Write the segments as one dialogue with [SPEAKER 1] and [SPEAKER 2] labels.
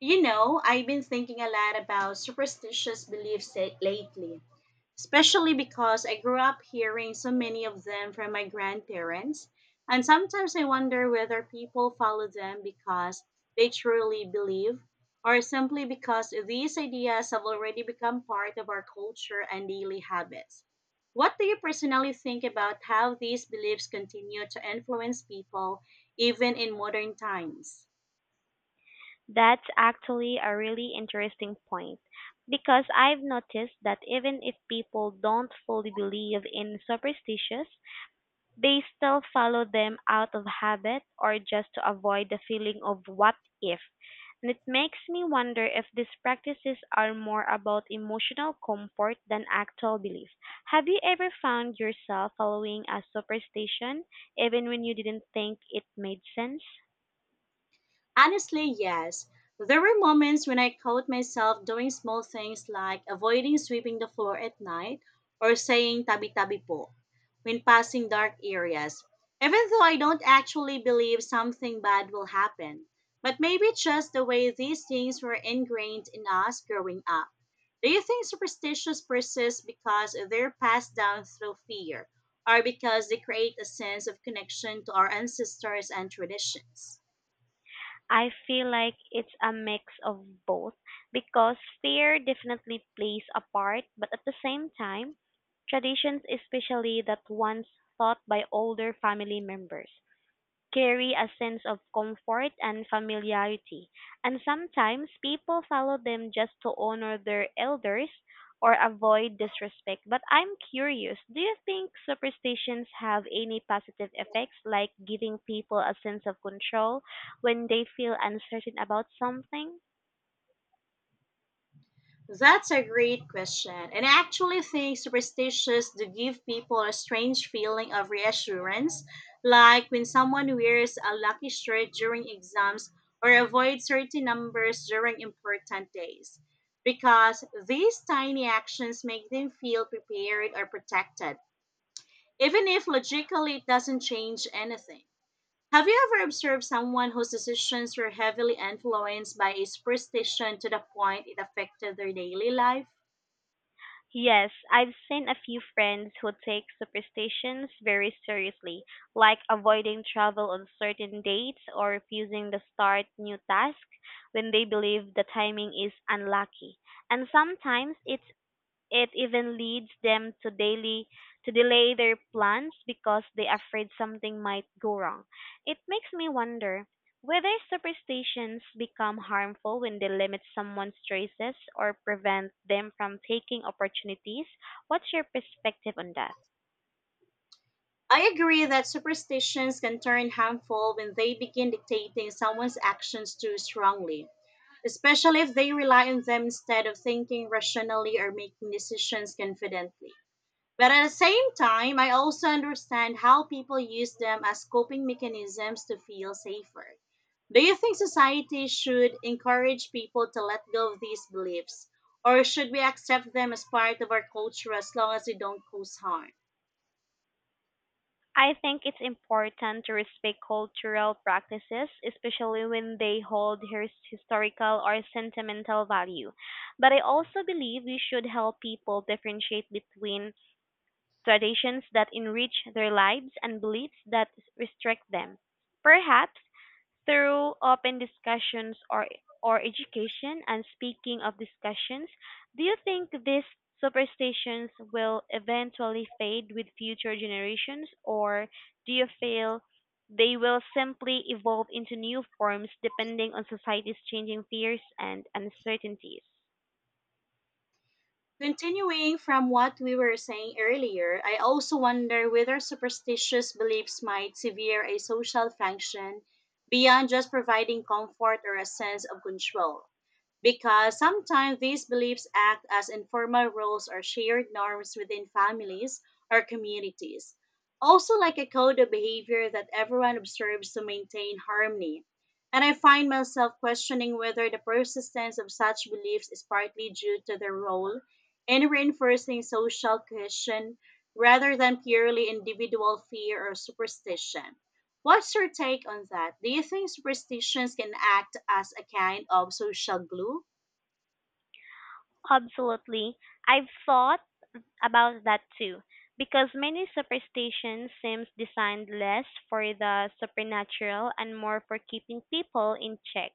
[SPEAKER 1] You know, I've been thinking a lot about superstitious beliefs lately, especially because I grew up hearing so many of them from my grandparents, and sometimes I wonder whether people follow them because they truly believe or simply because these ideas have already become part of our culture and daily habits. What do you personally think about how these beliefs continue to influence people even in modern times?
[SPEAKER 2] That's actually a really interesting point because I've noticed that even if people don't fully believe in superstitions, they still follow them out of habit or just to avoid the feeling of what if. And it makes me wonder if these practices are more about emotional comfort than actual belief. Have you ever found yourself following a superstition even when you didn't think it made sense?
[SPEAKER 1] Honestly, yes. There were moments when I caught myself doing small things like avoiding sweeping the floor at night or saying tabi-tabi po when passing dark areas, even though I don't actually believe something bad will happen. But maybe it's just the way these things were ingrained in us growing up. Do you think superstitions persist because they're passed down through fear or because they create a sense of connection to our ancestors and traditions?
[SPEAKER 2] I feel like it's a mix of both because fear definitely plays a part, but at the same time, traditions, especially that once taught by older family members, carry a sense of comfort and familiarity, and sometimes people follow them just to honor their elders or avoid disrespect. But I'm curious, do you think superstitions have any positive effects, like giving people a sense of control when they feel uncertain about something?
[SPEAKER 1] That's a great question. And I actually think superstitions do give people a strange feeling of reassurance, like when someone wears a lucky shirt during exams or avoids certain numbers during important days. Because these tiny actions make them feel prepared or protected, even if logically it doesn't change anything. Have you ever observed someone whose decisions were heavily influenced by a superstition to the point it affected their daily life?
[SPEAKER 2] Yes, I've seen a few friends who take superstitions very seriously, like avoiding travel on certain dates or refusing to start new tasks when they believe the timing is unlucky. And sometimes it even leads them to daily to delay their plans because they are afraid something might go wrong. It makes me wonder whether superstitions become harmful when they limit someone's choices or prevent them from taking opportunities. What's your perspective on that?
[SPEAKER 1] I agree that superstitions can turn harmful when they begin dictating someone's actions too strongly, especially if they rely on them instead of thinking rationally or making decisions confidently. But at the same time, I also understand how people use them as coping mechanisms to feel safer. Do you think society should encourage people to let go of these beliefs, or should we accept them as part of our culture as long as they don't cause harm?
[SPEAKER 2] I think it's important to respect cultural practices, especially when they hold historical or sentimental value. But I also believe we should help people differentiate between traditions that enrich their lives and beliefs that restrict them. Perhaps through open discussions or education, and speaking of discussions, do you think these superstitions will eventually fade with future generations, or do you feel they will simply evolve into new forms depending on society's changing fears and uncertainties?
[SPEAKER 1] Continuing from what we were saying earlier, I also wonder whether superstitious beliefs might sever a social function beyond just providing comfort or a sense of control. Because sometimes these beliefs act as informal rules or shared norms within families or communities. Also, like a code of behavior that everyone observes to maintain harmony. And I find myself questioning whether the persistence of such beliefs is partly due to their role and reinforcing social cohesion rather than purely individual fear or superstition. What's your take on that? Do you think superstitions can act as a kind of social glue?
[SPEAKER 2] Absolutely. I've thought about that too, because many superstitions seems designed less for the supernatural and more for keeping people in check,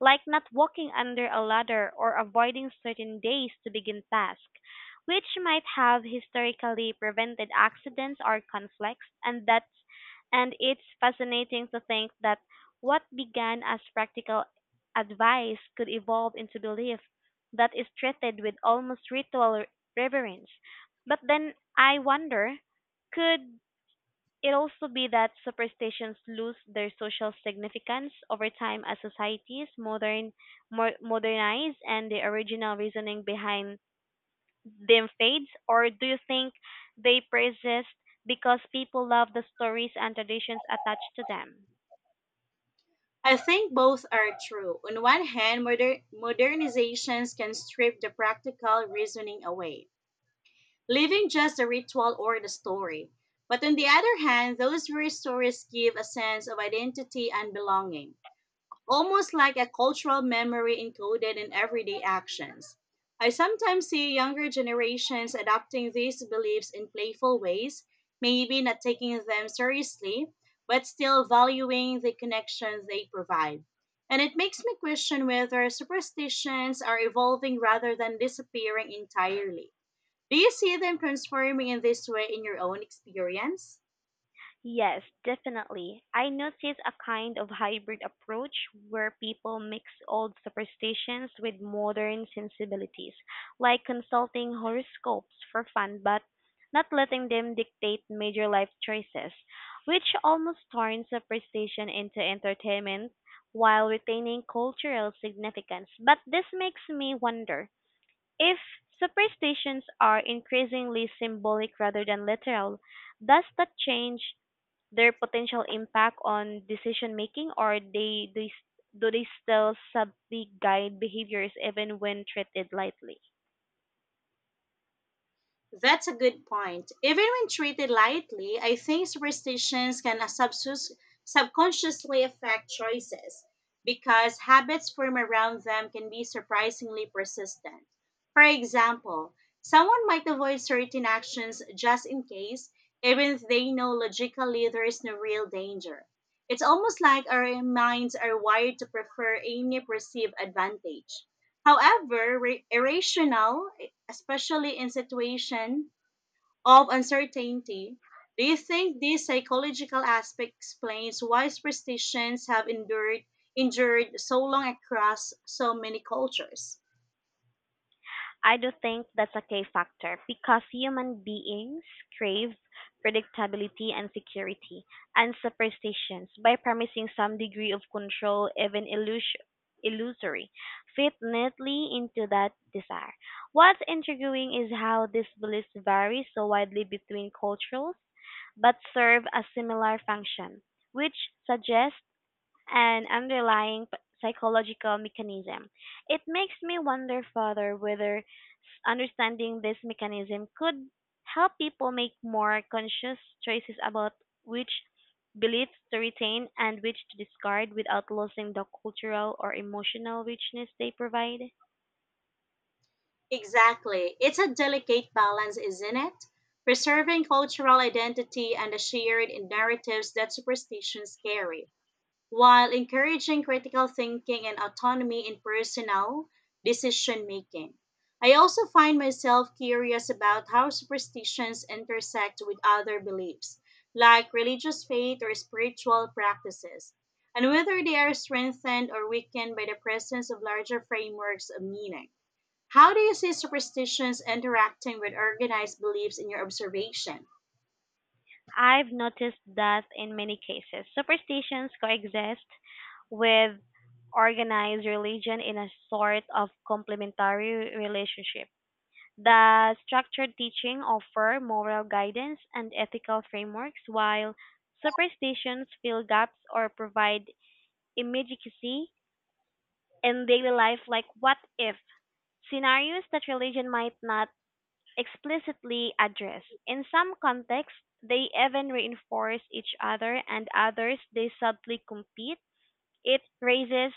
[SPEAKER 2] like not walking under a ladder or avoiding certain days to begin tasks, which might have historically prevented accidents or conflicts, and it's fascinating to think that what began as practical advice could evolve into belief that is treated with almost ritual reverence. But then I wonder, could it also be that superstitions lose their social significance over time as societies modern more modernize and the original reasoning behind them fades? Or do you think they persist because people love the stories and traditions attached to them?
[SPEAKER 1] I think both are true. On one hand, modernizations can strip the practical reasoning away, leaving just the ritual or the story. But on the other hand, those very stories give a sense of identity and belonging, almost like a cultural memory encoded in everyday actions. I sometimes see younger generations adopting these beliefs in playful ways, maybe not taking them seriously, but still valuing the connections they provide. And it makes me question whether superstitions are evolving rather than disappearing entirely. Do you see them transforming in this way in your own experience?
[SPEAKER 2] Yes, definitely. I notice a kind of hybrid approach where people mix old superstitions with modern sensibilities, like consulting horoscopes for fun but not letting them dictate major life choices, which almost turns superstition into entertainment while retaining cultural significance. But this makes me wonder if superstitions are increasingly symbolic rather than literal, does that change their potential impact on decision making, or they do they still subtly guide behaviors even when treated lightly?
[SPEAKER 1] That's a good point. Even when treated lightly, I think superstitions can subconsciously affect choices, because habits formed around them can be surprisingly persistent. For example, someone might avoid certain actions just in case, even if they know logically there is no real danger. It's almost like our minds are wired to prefer any perceived advantage. However, irrational, especially in situations of uncertainty. Do you think this psychological aspect explains why superstitions have endured so long across so many cultures?
[SPEAKER 2] I do think that's a key factor because human beings crave predictability and security and superstitions by promising some degree of control, even illusory, fit neatly into that desire. What's intriguing is how this belief varies so widely between cultures but serve a similar function, which suggests an underlying psychological mechanism. It makes me wonder further understanding this mechanism could help people make more conscious choices about which beliefs to retain and which to discard without losing the cultural or emotional richness they provide.
[SPEAKER 1] Exactly. It's a delicate balance, isn't it? Preserving cultural identity and the shared narratives that superstitions carry, while encouraging critical thinking and autonomy in personal decision making. I also find myself curious about how superstitions intersect with other beliefs, like religious faith or spiritual practices, and whether they are strengthened or weakened by the presence of larger frameworks of meaning. How do you see superstitions interacting with organized beliefs in your observation?
[SPEAKER 2] I've noticed that in many cases, superstitions coexist with organized religion in a sort of complementary relationship. The structured teaching offer moral guidance and ethical frameworks, while superstitions fill gaps or provide immediacy in daily life, like what if scenarios that religion might not explicitly addressed. In some contexts, they even reinforce each other, and others they subtly compete. It raises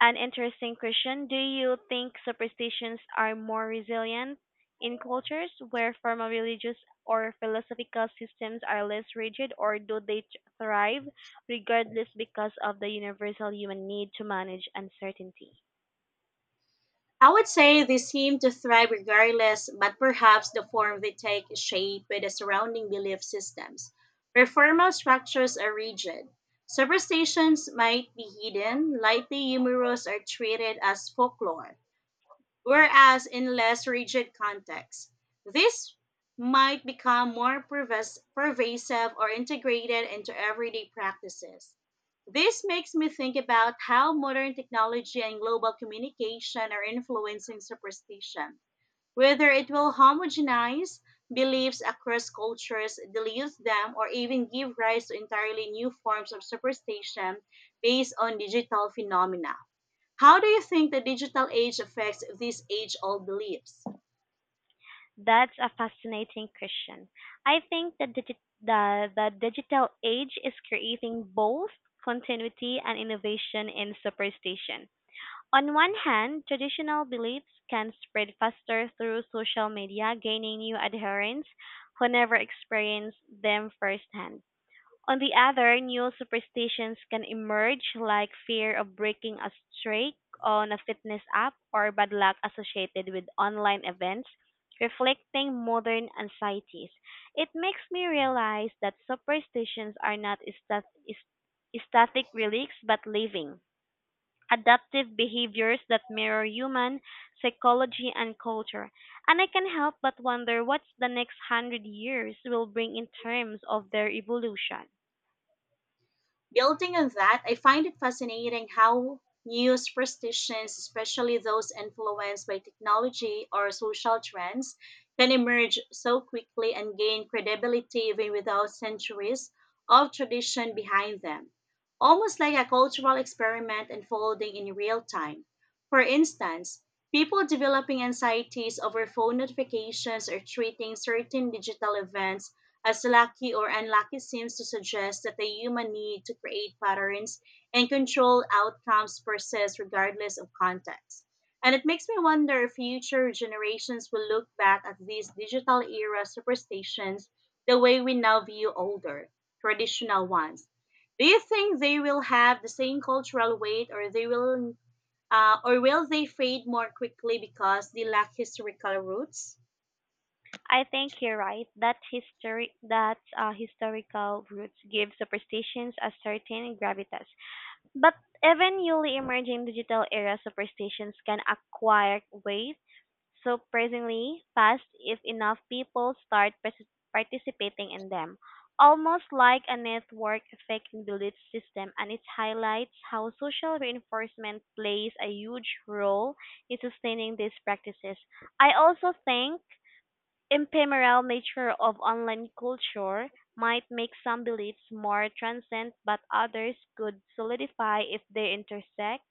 [SPEAKER 2] an interesting question. Do you think superstitions are more resilient in cultures where formal religious or philosophical systems are less rigid, or do they thrive regardless because of the universal human need to manage uncertainty?
[SPEAKER 1] I would say they seem to thrive regardless, but perhaps the form they take is shaped by the surrounding belief systems. Where formal structures are rigid, superstitions might be hidden, lightly humorous, or treated as folklore. Whereas in less rigid contexts, this might become more pervasive or integrated into everyday practices. This makes me think about how modern technology and global communication are influencing superstition. Whether it will homogenize beliefs across cultures, dilute them, or even give rise to entirely new forms of superstition based on digital phenomena. How do you think the digital age affects these age old beliefs?
[SPEAKER 2] That's a fascinating question. I think that the digital age is creating both continuity and innovation in superstition. On one hand, traditional beliefs can spread faster through social media, gaining new adherents who never experienced them firsthand. On the other, new superstitions can emerge, like fear of breaking a streak on a fitness app or bad luck associated with online events, reflecting modern anxieties. It makes me realize that superstitions are not stat- is- static relics but living, adaptive behaviors that mirror human psychology and culture. And I can help but wonder what the next 100 years will bring in terms of their evolution.
[SPEAKER 1] Building on that, I find it fascinating how new superstitions, especially those influenced by technology or social trends, can emerge so quickly and gain credibility even without centuries of tradition behind them, almost like a cultural experiment unfolding in real time. For instance, people developing anxieties over phone notifications or treating certain digital events as lucky or unlucky seems to suggest that the human need to create patterns and control outcomes persists regardless of context. And it makes me wonder if future generations will look back at these digital era superstitions the way we now view older, traditional ones. Do you think they will have the same cultural weight, or will they fade more quickly because they lack historical roots?
[SPEAKER 2] I think you're right. That history, that historical roots give superstitions a certain gravitas. But even newly emerging digital era superstitions can acquire weight. Surprisingly fast if enough people start participating in them. Almost like a network effect in belief system, and it highlights how social reinforcement plays a huge role in sustaining these practices. I also think ephemeral nature of online culture might make some beliefs more transient, but others could solidify if they intersect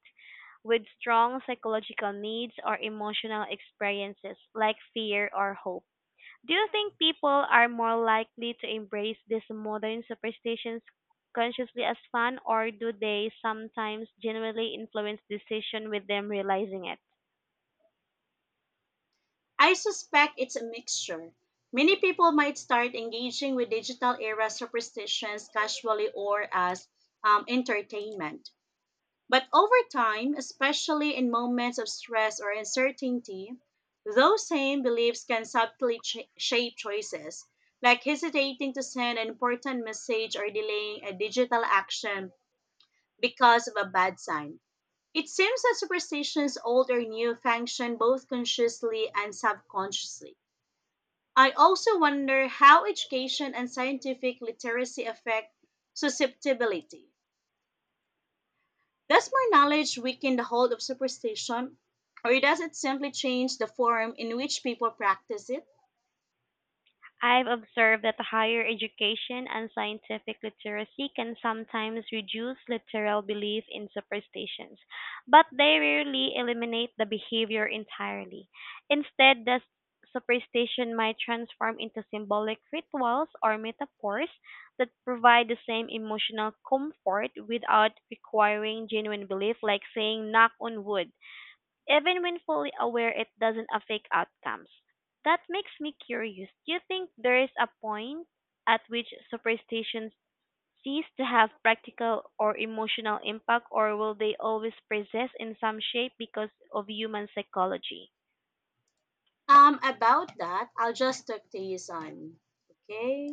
[SPEAKER 2] with strong psychological needs or emotional experiences like fear or hope. Do you think people are more likely to embrace these modern superstitions consciously as fun, or do they sometimes genuinely influence decision with them realizing it?
[SPEAKER 1] I suspect it's a mixture. Many people might start engaging with digital era superstitions casually or as entertainment. But over time, especially in moments of stress or uncertainty, those same beliefs can subtly shape choices, like hesitating to send an important message or delaying a digital action because of a bad sign. It seems that superstitions, old or new, function both consciously and subconsciously. I also wonder how education and scientific literacy affect susceptibility. Does more knowledge weaken the hold of superstition, or does it simply change the form in which people practice it?
[SPEAKER 2] I've observed that higher education and scientific literacy can sometimes reduce literal belief in superstitions, but they rarely eliminate the behavior entirely. Instead, the superstition might transform into symbolic rituals or metaphors that provide the same emotional comfort without requiring genuine belief, like saying knock on wood even when fully aware it doesn't affect outcomes. That makes me curious. Do you think there is a point at which superstitions cease to have practical or emotional impact, or will they always persist in some shape because of human psychology?
[SPEAKER 1] About that, I'll just talk to you soon. Okay?